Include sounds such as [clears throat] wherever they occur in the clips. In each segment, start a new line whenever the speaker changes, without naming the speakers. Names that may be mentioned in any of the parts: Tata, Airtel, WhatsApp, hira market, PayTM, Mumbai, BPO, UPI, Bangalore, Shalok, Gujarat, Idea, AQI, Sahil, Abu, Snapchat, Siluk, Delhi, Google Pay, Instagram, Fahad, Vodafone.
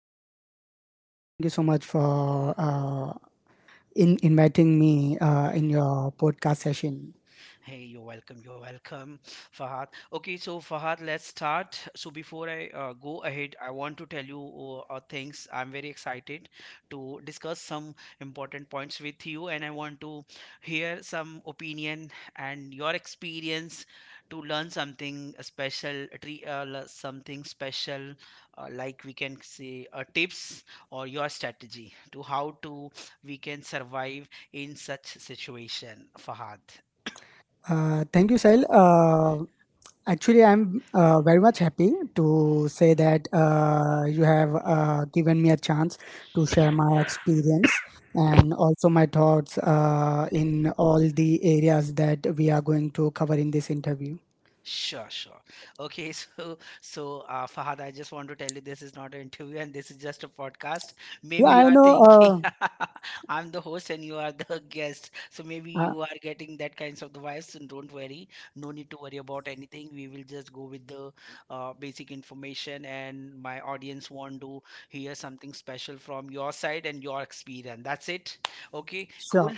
Hey Sahil, thank you so much for in inviting me in your podcast session.
Hey, you're welcome. You're welcome, Fahad. Okay, so Fahad, let's start. So before I go ahead, I want to tell you things. I'm very excited to discuss some important points with you, and I want to hear some opinion and your experience to learn something special, something special, like we can say tips or your strategy to how to we can survive in such situation, Fahad?
Thank you, Sahil. Actually, I'm very much happy to say that you have given me a chance to share my experience and also my thoughts in all the areas that we are going to cover in this interview.
Sure, sure. Okay, [laughs] So Fahad, I just want to tell you this is not an interview and this is just a podcast. Maybe
Yeah, I
you are
know.
thinking [laughs] I'm the host and you are the [laughs] guest, so maybe
Uh,
you are getting that kinds of the vibes. And don't worry, no need to worry about anything. We will just go with the basic information, and my audience want to hear something special from your side and your experience. That's it. Okay, cool,
sure.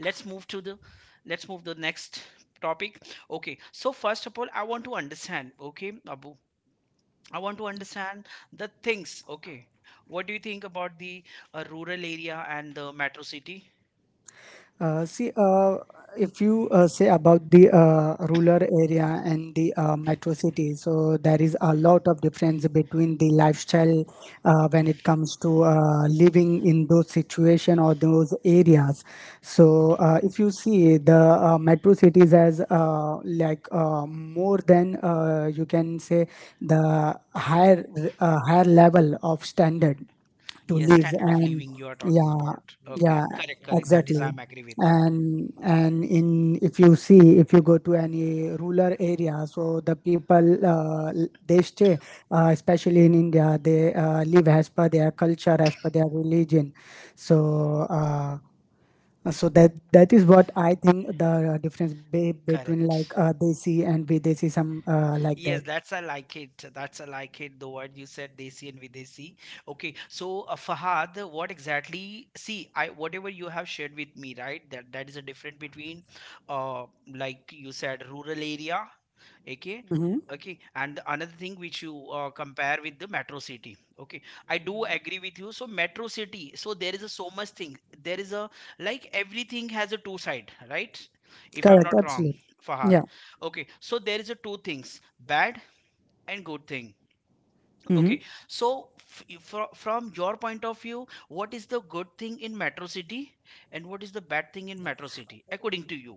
let's move to the let's move the next topic. Okay, so first of all, I want to understand, okay, Abu, I want to understand the things. Okay, what do you think about the rural area and the metro city?
See, if you say about the rural area and the metro city, so there is a lot of difference between the lifestyle when it comes to living in those situation or those areas. So if you see the metro cities as like more than you can say the higher higher level of standard to
Yes,
live
standard of
and
living you are talking
yeah,
about. Okay,
yeah,
correct, correct, that is
exactly.
I'm agree with that.
And in, if you see, if you go to any rural area, so the people they stay especially in India, they live as per their culture, as per their religion. So uh, so that is what I think, the difference between
Correct.
like desi and videsi, some like
Yes,
that.
that's I like it. That's I like it. The word you said, desi and videsi. Okay, so Fahad, what exactly? See, I whatever you have shared with me, right? That is a difference between, uh, like you said, rural area. Okay,
Hmm,
okay, and the another thing which you compare with the metro city. Okay, I do agree with you. So metro city, so there is a so much thing. There is a, like everything has a two side, right? If I'm
correct,
not wrong,
absolutely,
Fahad.
yeah.
Okay, so there is a two things, bad and good thing.
Hmm.
Okay, so from your point of view, what is the good thing in metro city and what is the bad thing in metro city according to you?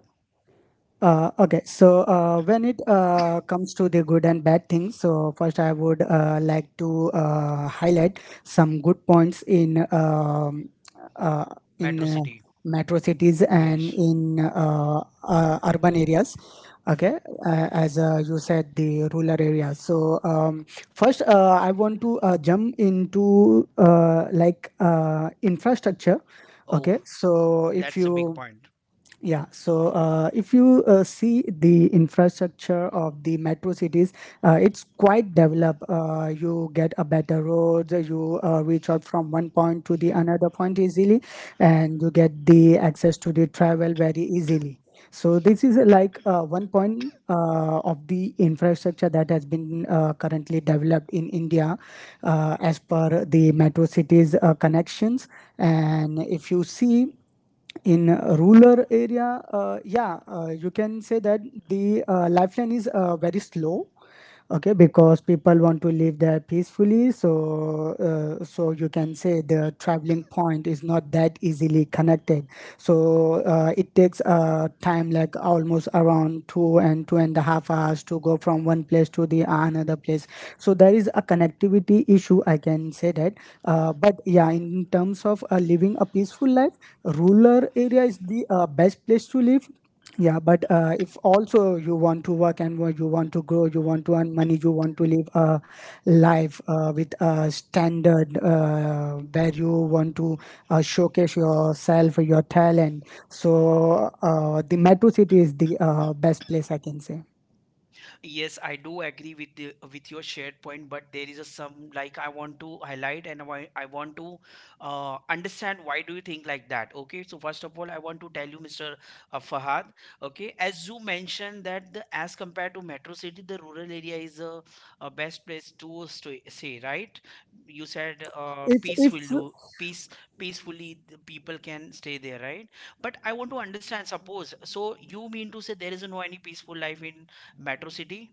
Okay, so when it comes to the good and bad things, so first I would like to highlight some good points uh, in
Metro
uh,
city.
metro cities and
Yes.
in urban areas. Okay, as you said, the rural areas. So first, I want to jump into like infrastructure.
Oh,
Okay, so if
that's a big
you,
point.
yeah, so if you see the infrastructure of the metro cities, it's quite developed. You get a better roads, you reach out from one point to the another point easily, and you get the access to the travel very easily. So this is like one point of the infrastructure that has been currently developed in India as per the metro cities connections. And if you see in a rural area, yeah, you can say that the lifeline is very slow. Okay, because people want to live there peacefully, so so you can say the traveling point is not that easily connected, so it takes time like almost around two and two and a half hours to go from one place to the another place. So there is a connectivity issue, I can say that. But yeah, in terms of living a peaceful life, rural area is the best place to live. Yeah, but if also you want to work and you want to grow, you want to earn money, you want to live a life with a standard where you want to showcase yourself, your talent. So the metro city is the best place, I can say.
Yes, I do agree with the, with your shared point, but there is a some, like I want to highlight and why I want to understand why do you think like that? Okay, so first of all, I want to tell you, Mr. Fahad. Okay, as you mentioned that the as compared to metro city, the rural area is a best place to stay, say, right? You said
If
peaceful. Peace, peacefully the people can stay there, right? But I want to understand, suppose so you mean to say there is no any peaceful life in metro city?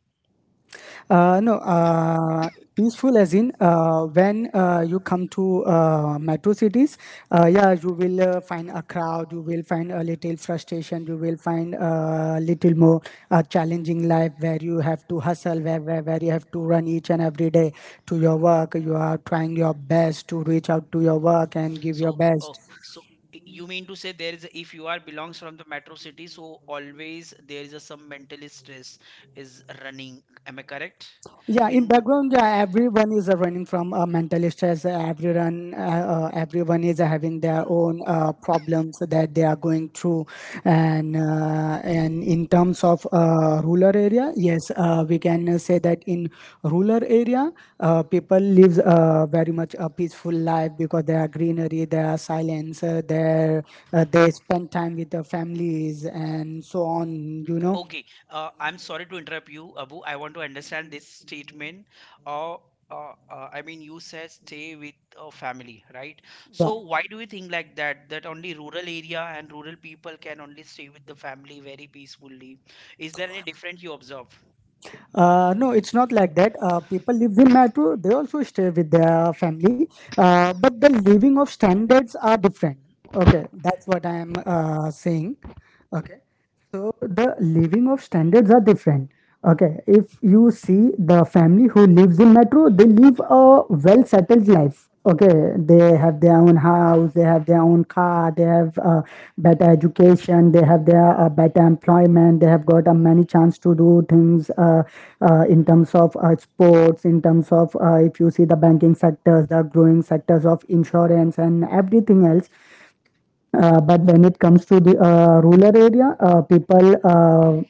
no, peaceful as in when you come to metro cities, yeah, you will find a crowd, you will find a little frustration, you will find a little more challenging life where you have to hustle, where you have to run each and every day to your work. You are trying your best to reach out to your work and
So,
give your
oh,
best.
so you mean to say there is a, if you are belongs from the metro city, so always there is a some mental stress is running. Am I correct?
Yeah, in
In.
background, yeah, everyone is running from mental stress. Everyone is having their own problems that they are going through, and in terms of rural area, yes, we can say that in rural area, people lives very much a peaceful life because there are greenery, there are silence, there they spend time with their families and so on, you know.
Okay, I'm sorry to interrupt you, Abu. I want to understand this statement. Uh, I mean, you said stay with family, right?
Yeah.
So why do you think like that? That only rural area and rural people can only stay with the family very peacefully. Is there any difference you observe?
No, it's not like that. People live in metro, they also stay with their family, but the living of standards are different. Okay, that's what I am saying. Okay. So the living of standards are different. Okay, if you see the family who lives in metro, they live a well settled life. Okay, they have their own house, they have their own car, they have better education, they have their better employment, they have got a many chance to do things in terms of sports, in terms of if you see the banking sectors, the growing sectors of insurance and everything else. But when it comes to the rural area, uh, people uh,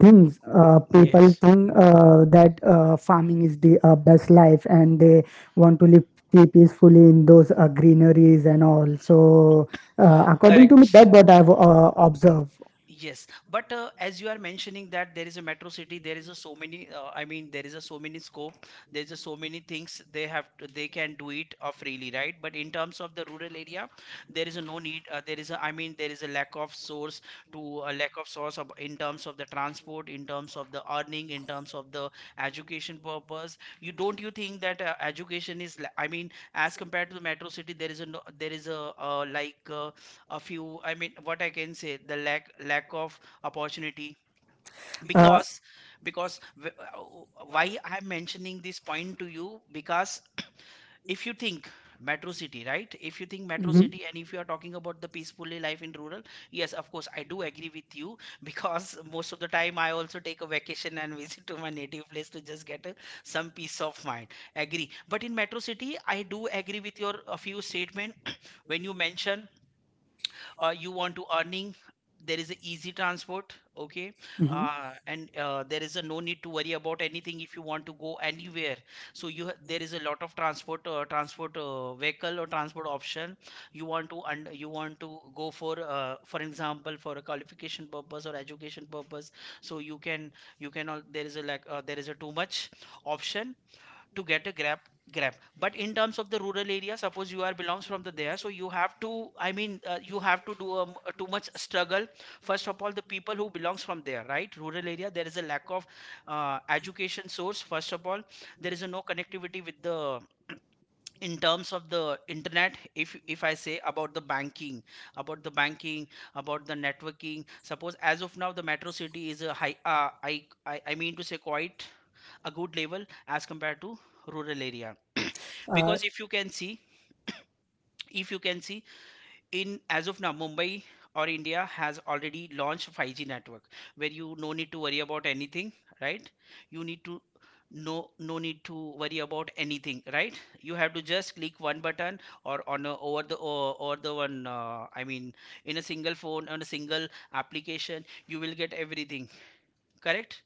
things uh, people
Yes.
think that farming is the best life, and they want to live peacefully in those greeneries and all. So, according to
Correct.
me, that's what I've observed.
Yes, but as you are mentioning that there is a metro city, there is a so many. I mean, there is a so many scope. There is a so many things they have. To, they can do it freely, right? But in terms of the rural area, there is a no need. There is a. I mean, there is a lack of source to a lack of source of, in terms of the transport, in terms of the earning, in terms of the education purpose. You don't you think that education is? I mean, as compared to the metro city, there is a no, there is a like. A few, I mean, what I can say, the lack of opportunity
Uh,
because why I'm mentioning this point to you, because if you think metro city, right? If you think metro
mhm,
city, and if you are talking about the peacefully life in rural, yes of course I do agree with you [laughs] because most of the time I also take a vacation and visit to my native place to just get a, some peace of mind. Agree, but in metro city I do agree with your a few statement [clears throat] when you mention you want to earning, there is a easy transport. Okay, and there is a no need to worry about anything if you want to go anywhere. So you there is a lot of transport, vehicle or transport option. You want to go for example, for a qualification purpose or education purpose. So you can, you can all, there is a like, there is a too much option to get a grab, grab. But in terms of the rural area, suppose you are belongs from the there, so you have to, I mean, you have to do too much struggle. First of all, the people who belongs from there, right, rural area, there is a lack of education source. First of all, there is a no connectivity with the [clears throat] in terms of the internet. If I say about the banking, about the banking about the networking, suppose as of now the metro city is a high , I mean to say quite a good level as compared to rural area. [coughs] [clears throat] Because
mhm.
if you can see, if you can see in as of now Mumbai or India has already launched 5G network, where you no need to worry about anything, right? you need to no No need to worry about anything, right? You have to just click one button, or on a, over the, or, over the one, I mean, in a single phone, on a single application, you will get everything. Correct.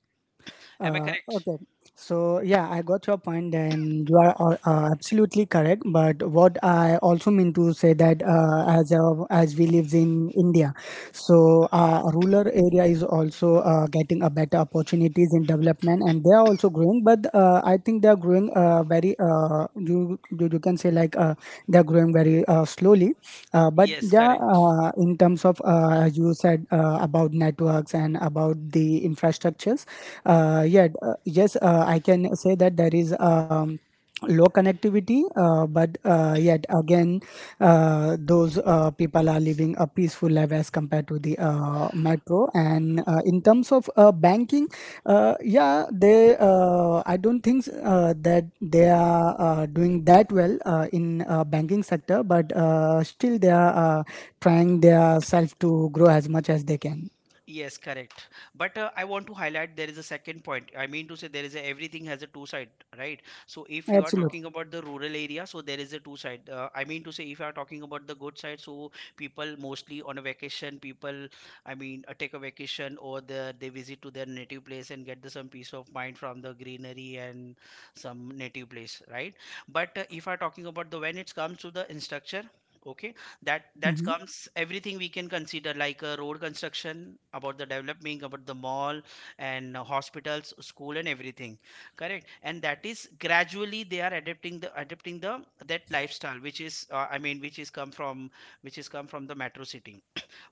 Am I
Uh,
correct?
okay. So yeah, I got your point, and you are absolutely correct. But what I also mean to say that as we lives in India, so rural area is also getting a better opportunities in development, and they are also growing. But I think they are growing very, you can say like they are growing very slowly. But
Yes,
yes, yeah,
correct.
in terms of as you said about networks and about the infrastructures, yeah, yes, I can say that there is low connectivity, but yet again, those people are living a peaceful life as compared to the metro. And in terms of banking, yeah, they. I don't think that they are doing that well in banking sector, but still they are trying their self to grow as much as they can.
Yes, correct. But I want to highlight there is a second point. I mean to say, there is a, everything has a two side, right? So if you are
Absolutely.
talking about the rural area, so there is a two side. I mean to say, if you are talking about the good side, so people mostly on a vacation, people, I mean, take a vacation or the, they visit to their native place and get the, some peace of mind from the greenery and some native place, right? But if I are talking about the, when it comes to the instructor, okay, that that
Mhm.
comes everything we can consider like a road construction, about the development, about the mall, and hospitals, school, and everything. Correct. And that is gradually they are adapting, the that lifestyle which is, I mean, which is come from, the metro city.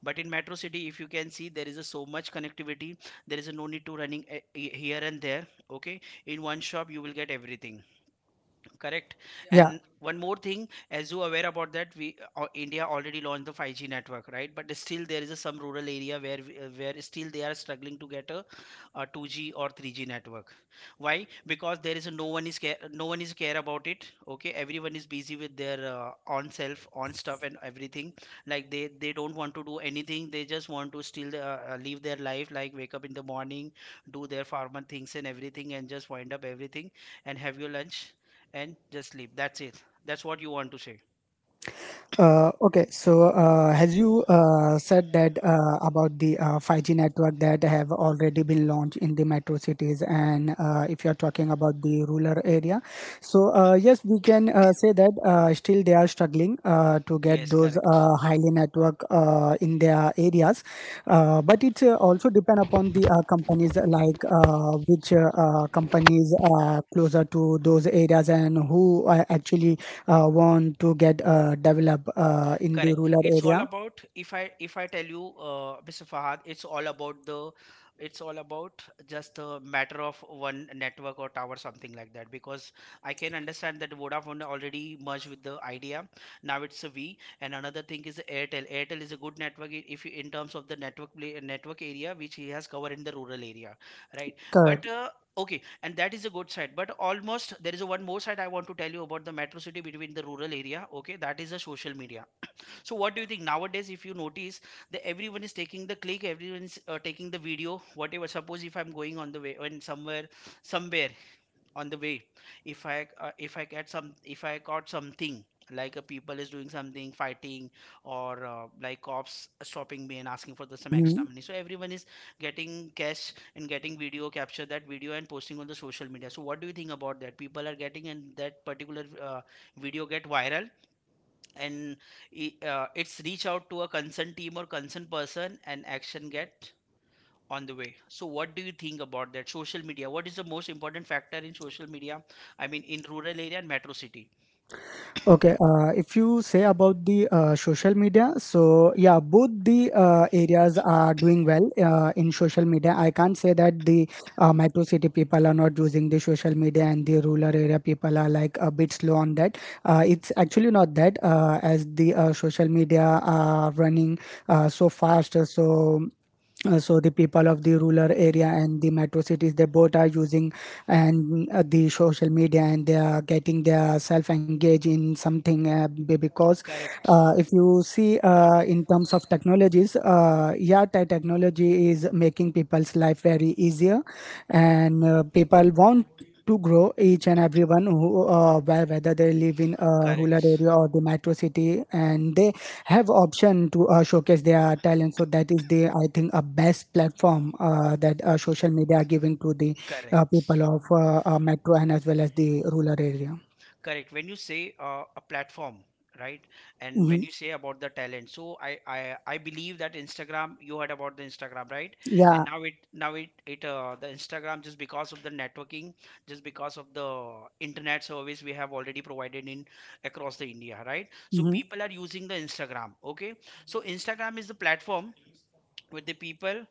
But in metro city, if you can see there is a so much connectivity, there is a no need to running, here and there. Okay, in one shop you will get everything. Correct. Yeah,
Yeah.
and one more thing, as you are aware about that we, India already launched the 5G network, right? But still there is a, some rural area where where still they are struggling to get a 2G or 3G network. Why? Because there is a, no one is care about it. Okay, everyone is busy with their on self, on stuff, and everything. Like they don't want to do anything. They just want to still, live their life, like wake up in the morning, do their farmer things and everything, and just wind up everything, and have your lunch, and just sleep. That's it. That's what you want to say.
Okay, so as you said that about the 5G network that have already been launched in the metro cities, and if you are talking about the rural area, so yes, we can say that still they are struggling to get
Yes,
those
correct.
highly network in their areas, but it also depend upon the companies like which companies are closer to those areas and who actually want to get developed in the
Correct.
rural
It's all
area.
about, if I, if I tell you, Mr. Fahad, it's all about the, it's all about just a matter of one network or tower, something like that. Because I can understand that Vodafone already merged with the Idea. Now it's a V. And another thing is Airtel. Airtel is a good network, if you, in terms of the network play, network area which he has covered in the rural area, right? But
Correct.
okay, and that is a good side. But almost there is a one more side I want to tell you about the metro city between the rural area. Okay, that is the social media. So what do you think nowadays? If you notice that everyone is taking the click, everyone is taking the video, whatever. Suppose if I'm going on the way and somewhere, somewhere on the way, if I get some, if I caught something like a people is doing something fighting or like cops stopping me and asking for the some extra
Mhm.
money, so everyone is getting cash and getting video, capture that video and posting on the social media. So what do you think about that? People are getting and that particular video get viral and it's reach out to a concerned team or concerned person and action get on the way. So what do you think about that social media? What is the most important factor in social media, I mean, in rural area and metro city?
Okay, if you say about the social media, so yeah, both the areas are doing well in social media. I can't say that the metro city people are not using the social media and the rural area people are like a bit slow on that. It's actually not that, as the social media are running so fast, so the people of the rural area and the metro cities, they both are using and the social media, and they are getting their self engaged in something because
Correct.
if you see in terms of technologies, technology is making people's life very easier, and people want to grow, each and everyone who whether they live in a rural
Correct,
area or the metro city, and they have option to showcase their talent. So that is the, I think, a best platform that social media are giving to the
correct.
people of metro and as well as the rural area.
Correct. When you say a platform, right? And when
Hmm,
you say about the talent, so I believe that Instagram, you heard about the Instagram, right? Yeah.
yeah.
And now it the Instagram, just because of the networking, just because of the internet service we have already provided in across the India, right? So
Hmm.
people are using the Instagram, okay? So Instagram is the platform with the people,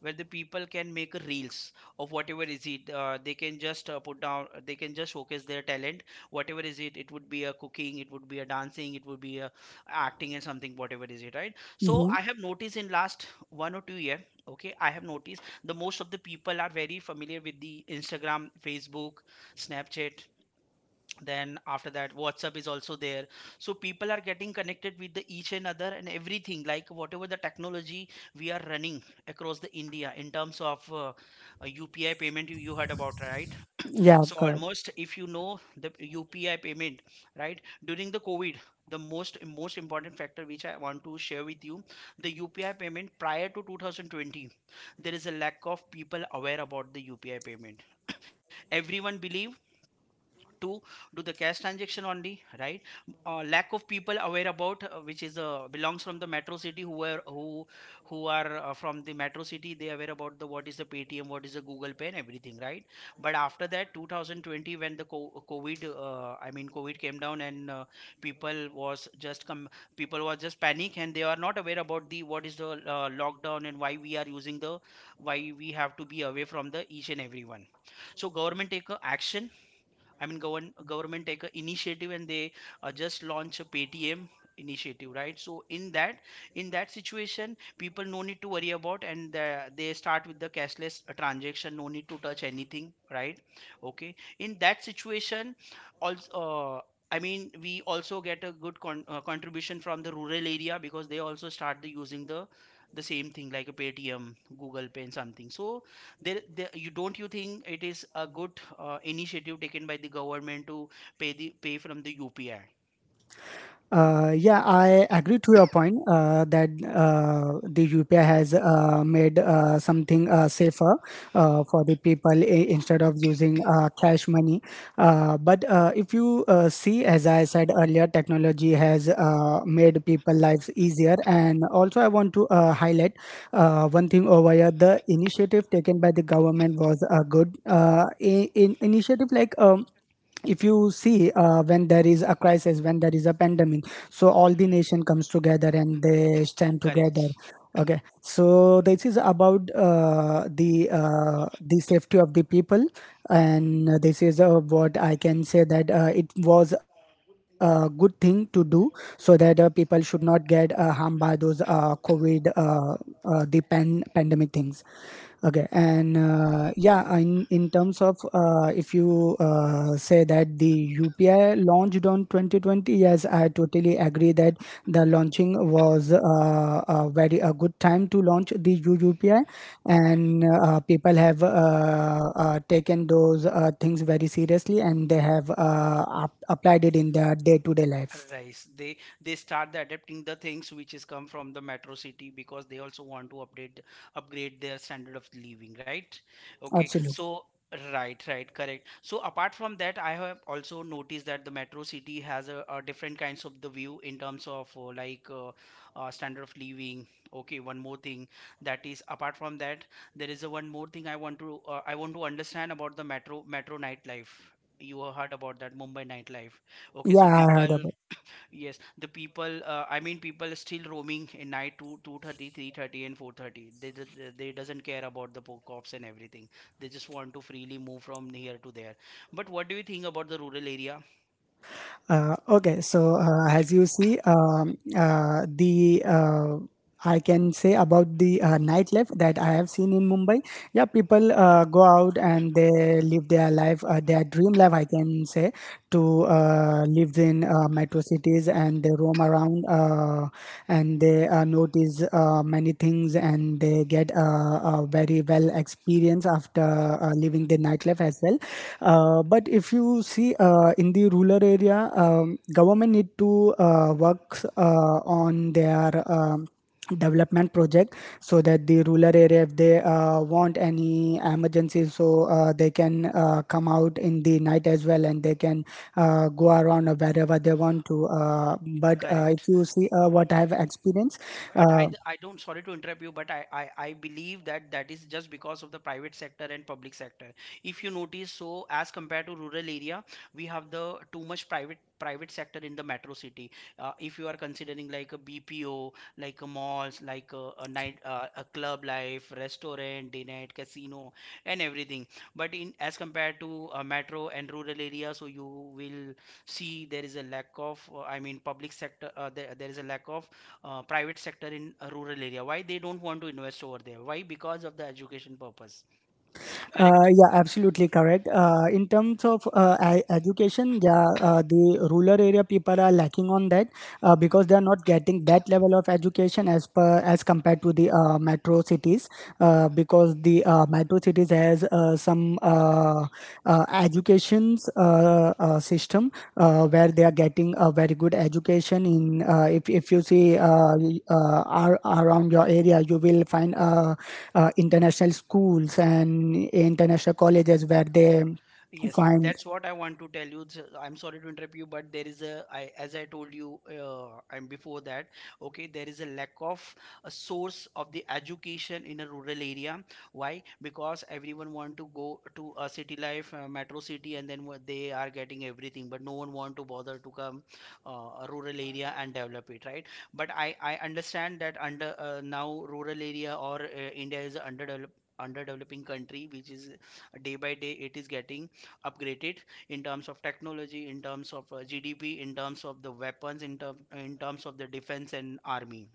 where the people can make reels of whatever is it, they can just put down, they can just showcase their talent, whatever is it, it would be a cooking, it would be a dancing, it would be a acting and something, whatever is it, right? So I
Hmm,
have noticed in last 1 or 2 year, okay, I have noticed the most of the people are very familiar with the Instagram, Facebook, Snapchat, then after that WhatsApp is also there. So people are getting connected with the each and other and everything, like whatever the technology we are running across the India in terms of UPI payment, you heard about, right?
yeah,
So
correct.
almost if you know the UPI payment, right, during the COVID, the most important factor which I want to share with you, the UPI payment prior to 2020, there is a lack of people aware about the UPI payment. Everyone believe to do the cash transaction only, right? Lack of people aware about which is belongs from the metro city, who are who are from the metro city, they are aware about the what is the Paytm, what is the Google Pay and everything, right? But after that 2020, when the COVID, I mean, COVID came down and people was just come, people was just panic, and they are not aware about the what is the lockdown and why we are using the, why we have to be away from the each and everyone. So government take a action. I mean, government take a initiative and they just launch a Paytm initiative, right? So in that, in that situation, people no need to worry about, and the, they start with the cashless transaction. No need to touch anything, right? Okay. In that situation, also. Uh, I mean, we also get a good contribution from the rural area because they also start the using the same thing like a Paytm, Google Pay, and something. So there you don't you think it is a good initiative taken by the government to pay the pay from the UPI.
Yeah, I agree to your point that the UPI has made something safer for the people instead of using cash money. But if you see, as I said earlier, technology has made people lives easier. And also, I want to highlight one thing over here: the initiative taken by the government was good. In initiative like if you see when there is a crisis, when there is a pandemic, so all the nation comes together and they stand together.
Correct.
Okay, so this is about the safety of the people, and this is what I can say, that it was a good thing to do so that people should not get harmed by those COVID, pandemic things. Okay. and yeah, in terms of if you say that the UPI launched on 2020, yes, I totally agree that the launching was a very a good time to launch the uupi. And people have taken those things very seriously, and they have applied it in their day-to-day life.
Right. They start the adapting the things which is come from the metro city because they also want to update, upgrade their standard of living, right? Okay.
Absolutely.
So right, right, correct. So apart from that, I have also noticed that the metro city has a different kinds of the view in terms of like standard of living. Okay, one more thing, that is apart from that, there is a one more thing I want to understand about the metro nightlife. You have heard about that Mumbai nightlife. Okay, so
Yeah, I heard
people.
about.
Yes, the people, I mean, people still roaming in night 2, 2:30, 3:30, and 4:30. They, they doesn't care about the cops and everything. They just want to freely move from here to there. But what do you think about the rural area?
Okay, so as you see, the I can say about the nightlife that I have seen in Mumbai. Yeah, people go out and they live their life, their dream life, I can say, to live in metro cities, and they roam around and they notice many things, and they get a very well experience after living the nightlife as well. But if you see in the rural area, government need to work on their development project, so that the rural area, if they want any emergency, so they can come out in the night as well, and they can go around wherever they want to. But if
Correct.
you see, what I have experienced.
But
uh,
I don't, sorry to interrupt you, but I believe that that is just because of the private sector and public sector. If you notice, so as compared to rural area, we have the too much private sector in the metro city. If you are considering like a BPO, like a malls, like a night, a club life, restaurant, day night, casino, and everything. But in as compared to metro and rural area, so you will see there is a lack of, I mean, public sector. There is a lack of private sector in a rural area. Why they don't want to invest over there? Why? Because of the education purpose. Correct.
Yeah, absolutely correct. In terms of education, yeah, the rural area people are lacking on that because they are not getting that level of education as per as compared to the metro cities. Because the metro cities has some educations system where they are getting a very good education. In If you see, around your area, you will find international schools and international colleges where they
Yes,
find.
that's what I want to tell you. So, I'm sorry to interrupt you, but there is a, I, as I told you, I'm before that. Okay, there is a lack of a source of the education in a rural area. Why? Because everyone want to go to a city life, metro city, and then what they are getting everything, but no one want to bother to come a rural area and develop it, right? But I understand that under now rural area or India is a underdeveloped, underdeveloping country, which is day by day it is getting upgraded in terms of technology, in terms of GDP, in terms of the weapons, in terms of the defense and army.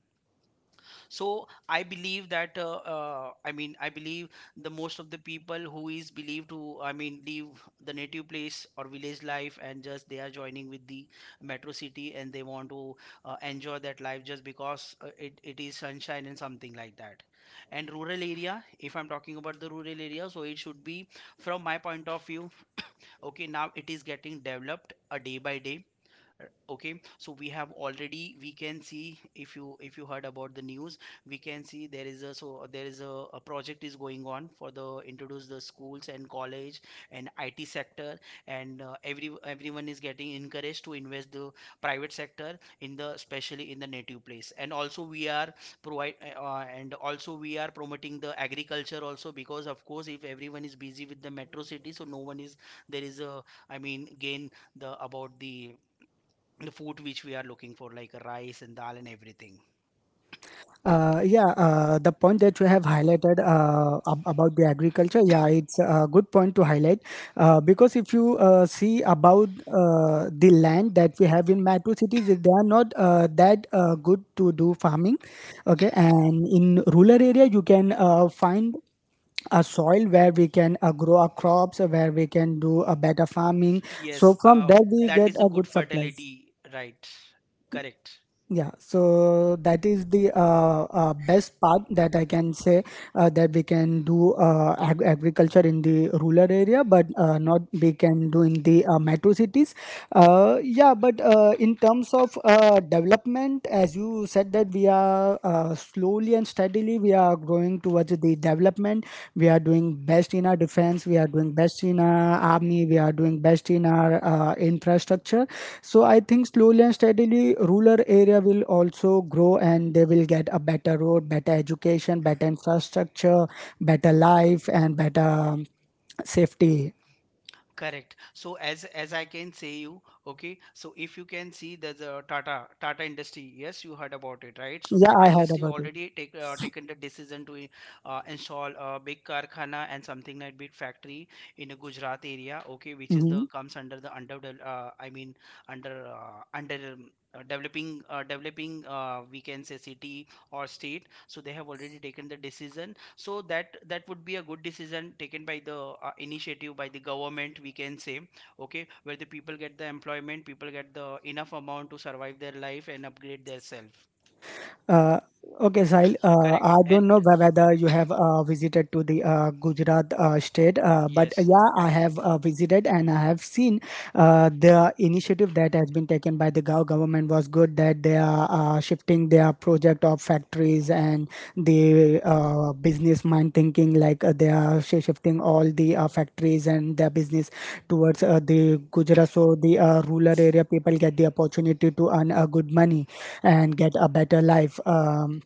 So I believe that I mean, I believe the most of the people who is believed to, I mean, leave the native place or village life and just they are joining with the metro city and they want to enjoy that life just because it is sunshine and something like that. And rural area, if I'm talking about the rural area, so it should be, from my point of view, okay, now it is getting developed a day by day. Uh, okay, so we have already we can see, if you, if you heard about the news, we can see there is a, so there is a project is going on for the introduce the schools and college and IT sector, and everyone is getting encouraged to invest the private sector in the, especially in the native place, and also we are provide and also we are promoting the agriculture also, because of course, if everyone is busy with the metro city, so no one is, there is a, I mean, again the about the food which we are looking for, like rice and dal and everything.
Yeah, the point that you have highlighted, about the agriculture, yeah, it's a good point to highlight because if you see about the land that we have in metro cities, they are not that good to do farming. Okay, and in rural area you can find a soil where we can grow our crops, where we can do a better farming. So
Yes,
from there we
that is
get
a
a
good
good supplies.
fertility, right? Correct.
Yeah, so that is the best part that I can say, that we can do agriculture in the rural area, but not we can do in the metro cities. Yeah, but in terms of development, as you said, that we are slowly and steadily we are going towards the development. We are doing best in our defense. We are doing best in our army. We are doing best in our infrastructure. So I think slowly and steadily, rural area will also grow, and they will get a better road, better education, better infrastructure, better life, and better safety.
Correct. So as I can say you, okay. So if you can see the Tata Industry, yes, you heard about it, right? So
Yeah,
Tata
I heard
Industry
about it.
already take taken the decision to install a big karkhana and something like big factory in a Gujarat area, okay, which is the
Mhm.
comes under the under I mean under developing, developing, we can say, city or state. So they have already taken the decision, so that that would be a good decision taken by the initiative by the government, we can say. Okay, where the people get the employment, people get the enough amount to survive their life and upgrade their self.
Uh, okay, Sahil,
Correct
I
and
don't know whether you have visited to the Gujarat state, but
yes.
yeah, I have visited and I have seen the initiative that has been taken by the Gao government was good, that they are shifting their project of factories and the business mind thinking, like they are shifting all the factories and their business towards the Gujarat, so the rural area people get the opportunity to earn good money and get a better life.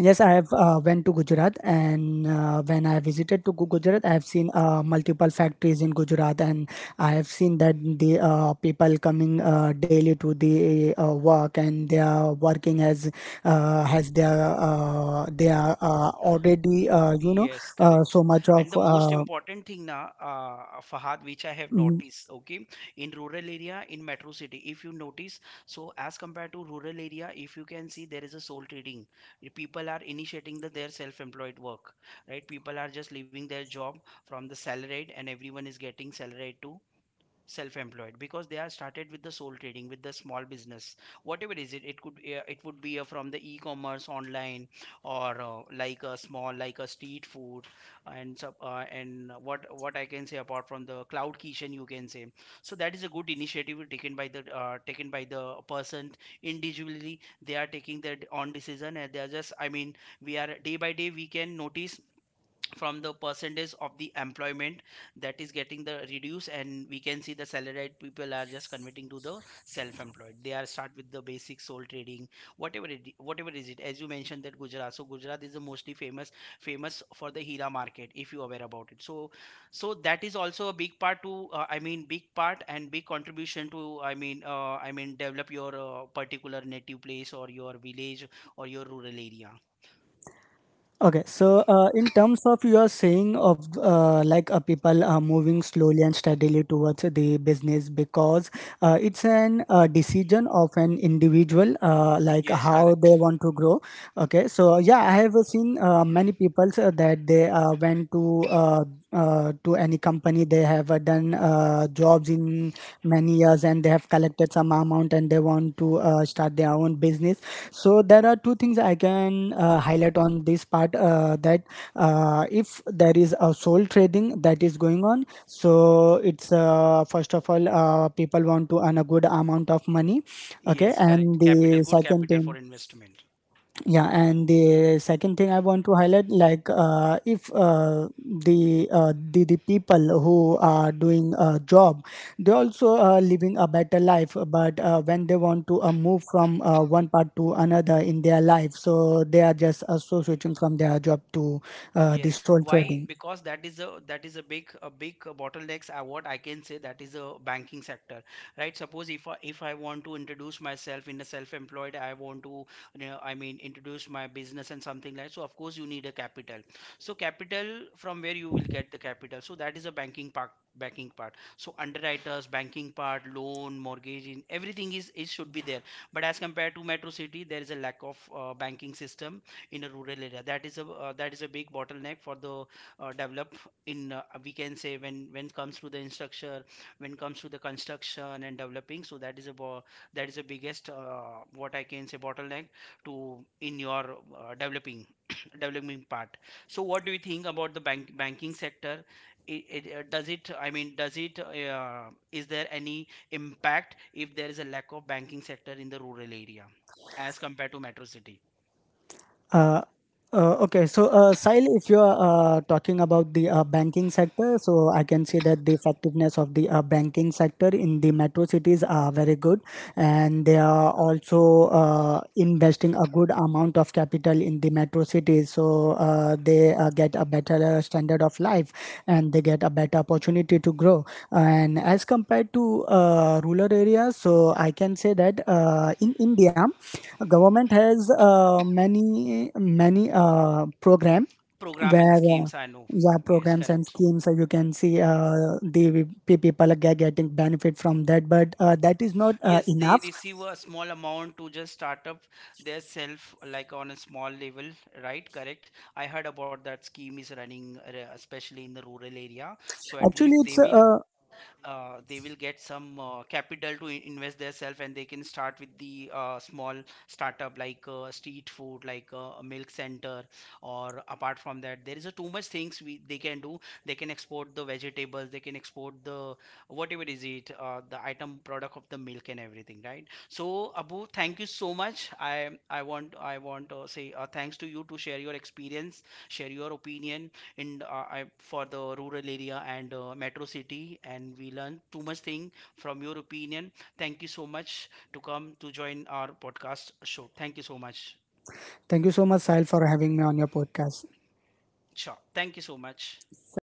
Yes, I have went to Gujarat, and when I visited to Gujarat, I have seen multiple factories in Gujarat, and I have seen that the people coming daily to the work, and they are working as has their they are already you know
Yes, correct.
so much of.
And the most important thing now, Fahad, which I have
Mm,
noticed, okay, in rural area, in metro city, if you notice, so as compared to rural area, if you can see, there is a sole trading. The people are initiating the, their self-employed work, right? People are just leaving their job from the salaried, and everyone is getting salaried too, self-employed, because they are started with the sole trading with the small business, whatever is it, it could, it would be from the e-commerce online or like a small, like a street food and and what I can say, apart from the cloud kitchen, you can say. So that is a good initiative taken by the person individually, they are taking their own decision and they are just, I mean, we are day by day we can notice from the percentage of the employment that is getting the reduce, and we can see the salaried people are just converting to the self-employed, they are start with the basic sole trading, whatever it whatever is it. As you mentioned that Gujarat, so Gujarat is the mostly famous, famous for the hira market, if you are aware about it. So so that is also a big part to I mean, big part and big contribution to, I mean, I mean, develop your particular native place or your village or your rural area.
Okay, so in terms of you are saying of, like people are moving slowly and steadily towards the business because it's an decision of an individual, like
Yes,
how they want to grow. Okay, so yeah, I have seen many people that they went to any company, they have done jobs in many years, and they have collected some amount and they want to start their own business. So there are two things I can highlight on this part, that if there is a soul trading that is going on, so it's first of all, people want to earn a good amount of money. Okay, and the second
correct.
thing.
For investment.
Yeah, and the second thing I want to highlight, like if the people who are doing a job, they also are living a better life. But when they want to move from one part to another in their life, so they are just also switching from their job to the
Yes.
sole
Why?
trading.
Because that is a big bottlenecks. What I can say, that is a banking sector, right? Suppose if I want to introduce myself in a self-employed, I want to, you know, I mean, introduce my business and something like so. Of course, you need a capital. So capital, from where you will get the capital? So that is a banking part, So underwriters, banking part, loan, mortgage, in everything is, it should be there, but as compared to metro city, there is a lack of banking system in a rural area. That is a, that is a big bottleneck for the develop in, we can say, when comes to the infrastructure, when comes to the construction and developing. So that is a that is the biggest what I can say, bottleneck to in your developing [coughs] [clears throat] developing part. So what do you think about the banking sector? Does it, I mean, does it is there any impact if there is a lack of banking sector in the rural area as compared to metro city?
Uh, okay, so Sahil, if you're talking about the banking sector, so I can say that the effectiveness of the banking sector in the metro cities are very good, and they are also investing a good amount of capital in the metro cities, so they get a better standard of life and they get a better opportunity to grow. And as compared to rural areas, so I can say that in India, government has many many program
Program and
where
schemes, I know.
yeah,
Yes,
programs and
correct.
schemes, you can see the people are getting benefit from that, but that is not
Yes, they
enough.
receive a small amount to just start up their self, like on a small level, right? Correct. I heard about that scheme is running, especially in the rural area. So at
Actually,
least
it's
they will get some capital to invest their self, and they can start with the small startup like street food, like a milk center, or apart from that, there is a too much things we they can do. They can export the vegetables, they can export the, whatever is it, the item, product of the milk and everything, right? So Abu, thank you so much. I want, I want to say, thanks to you to share your experience, share your opinion in, I, for the rural area and metro city, and we learned too much thing from your opinion. Thank you so much to come to join our podcast show. Thank you so much.
thank you so much, Sahil, for having me on your podcast.
Sure, thank you so much.
So,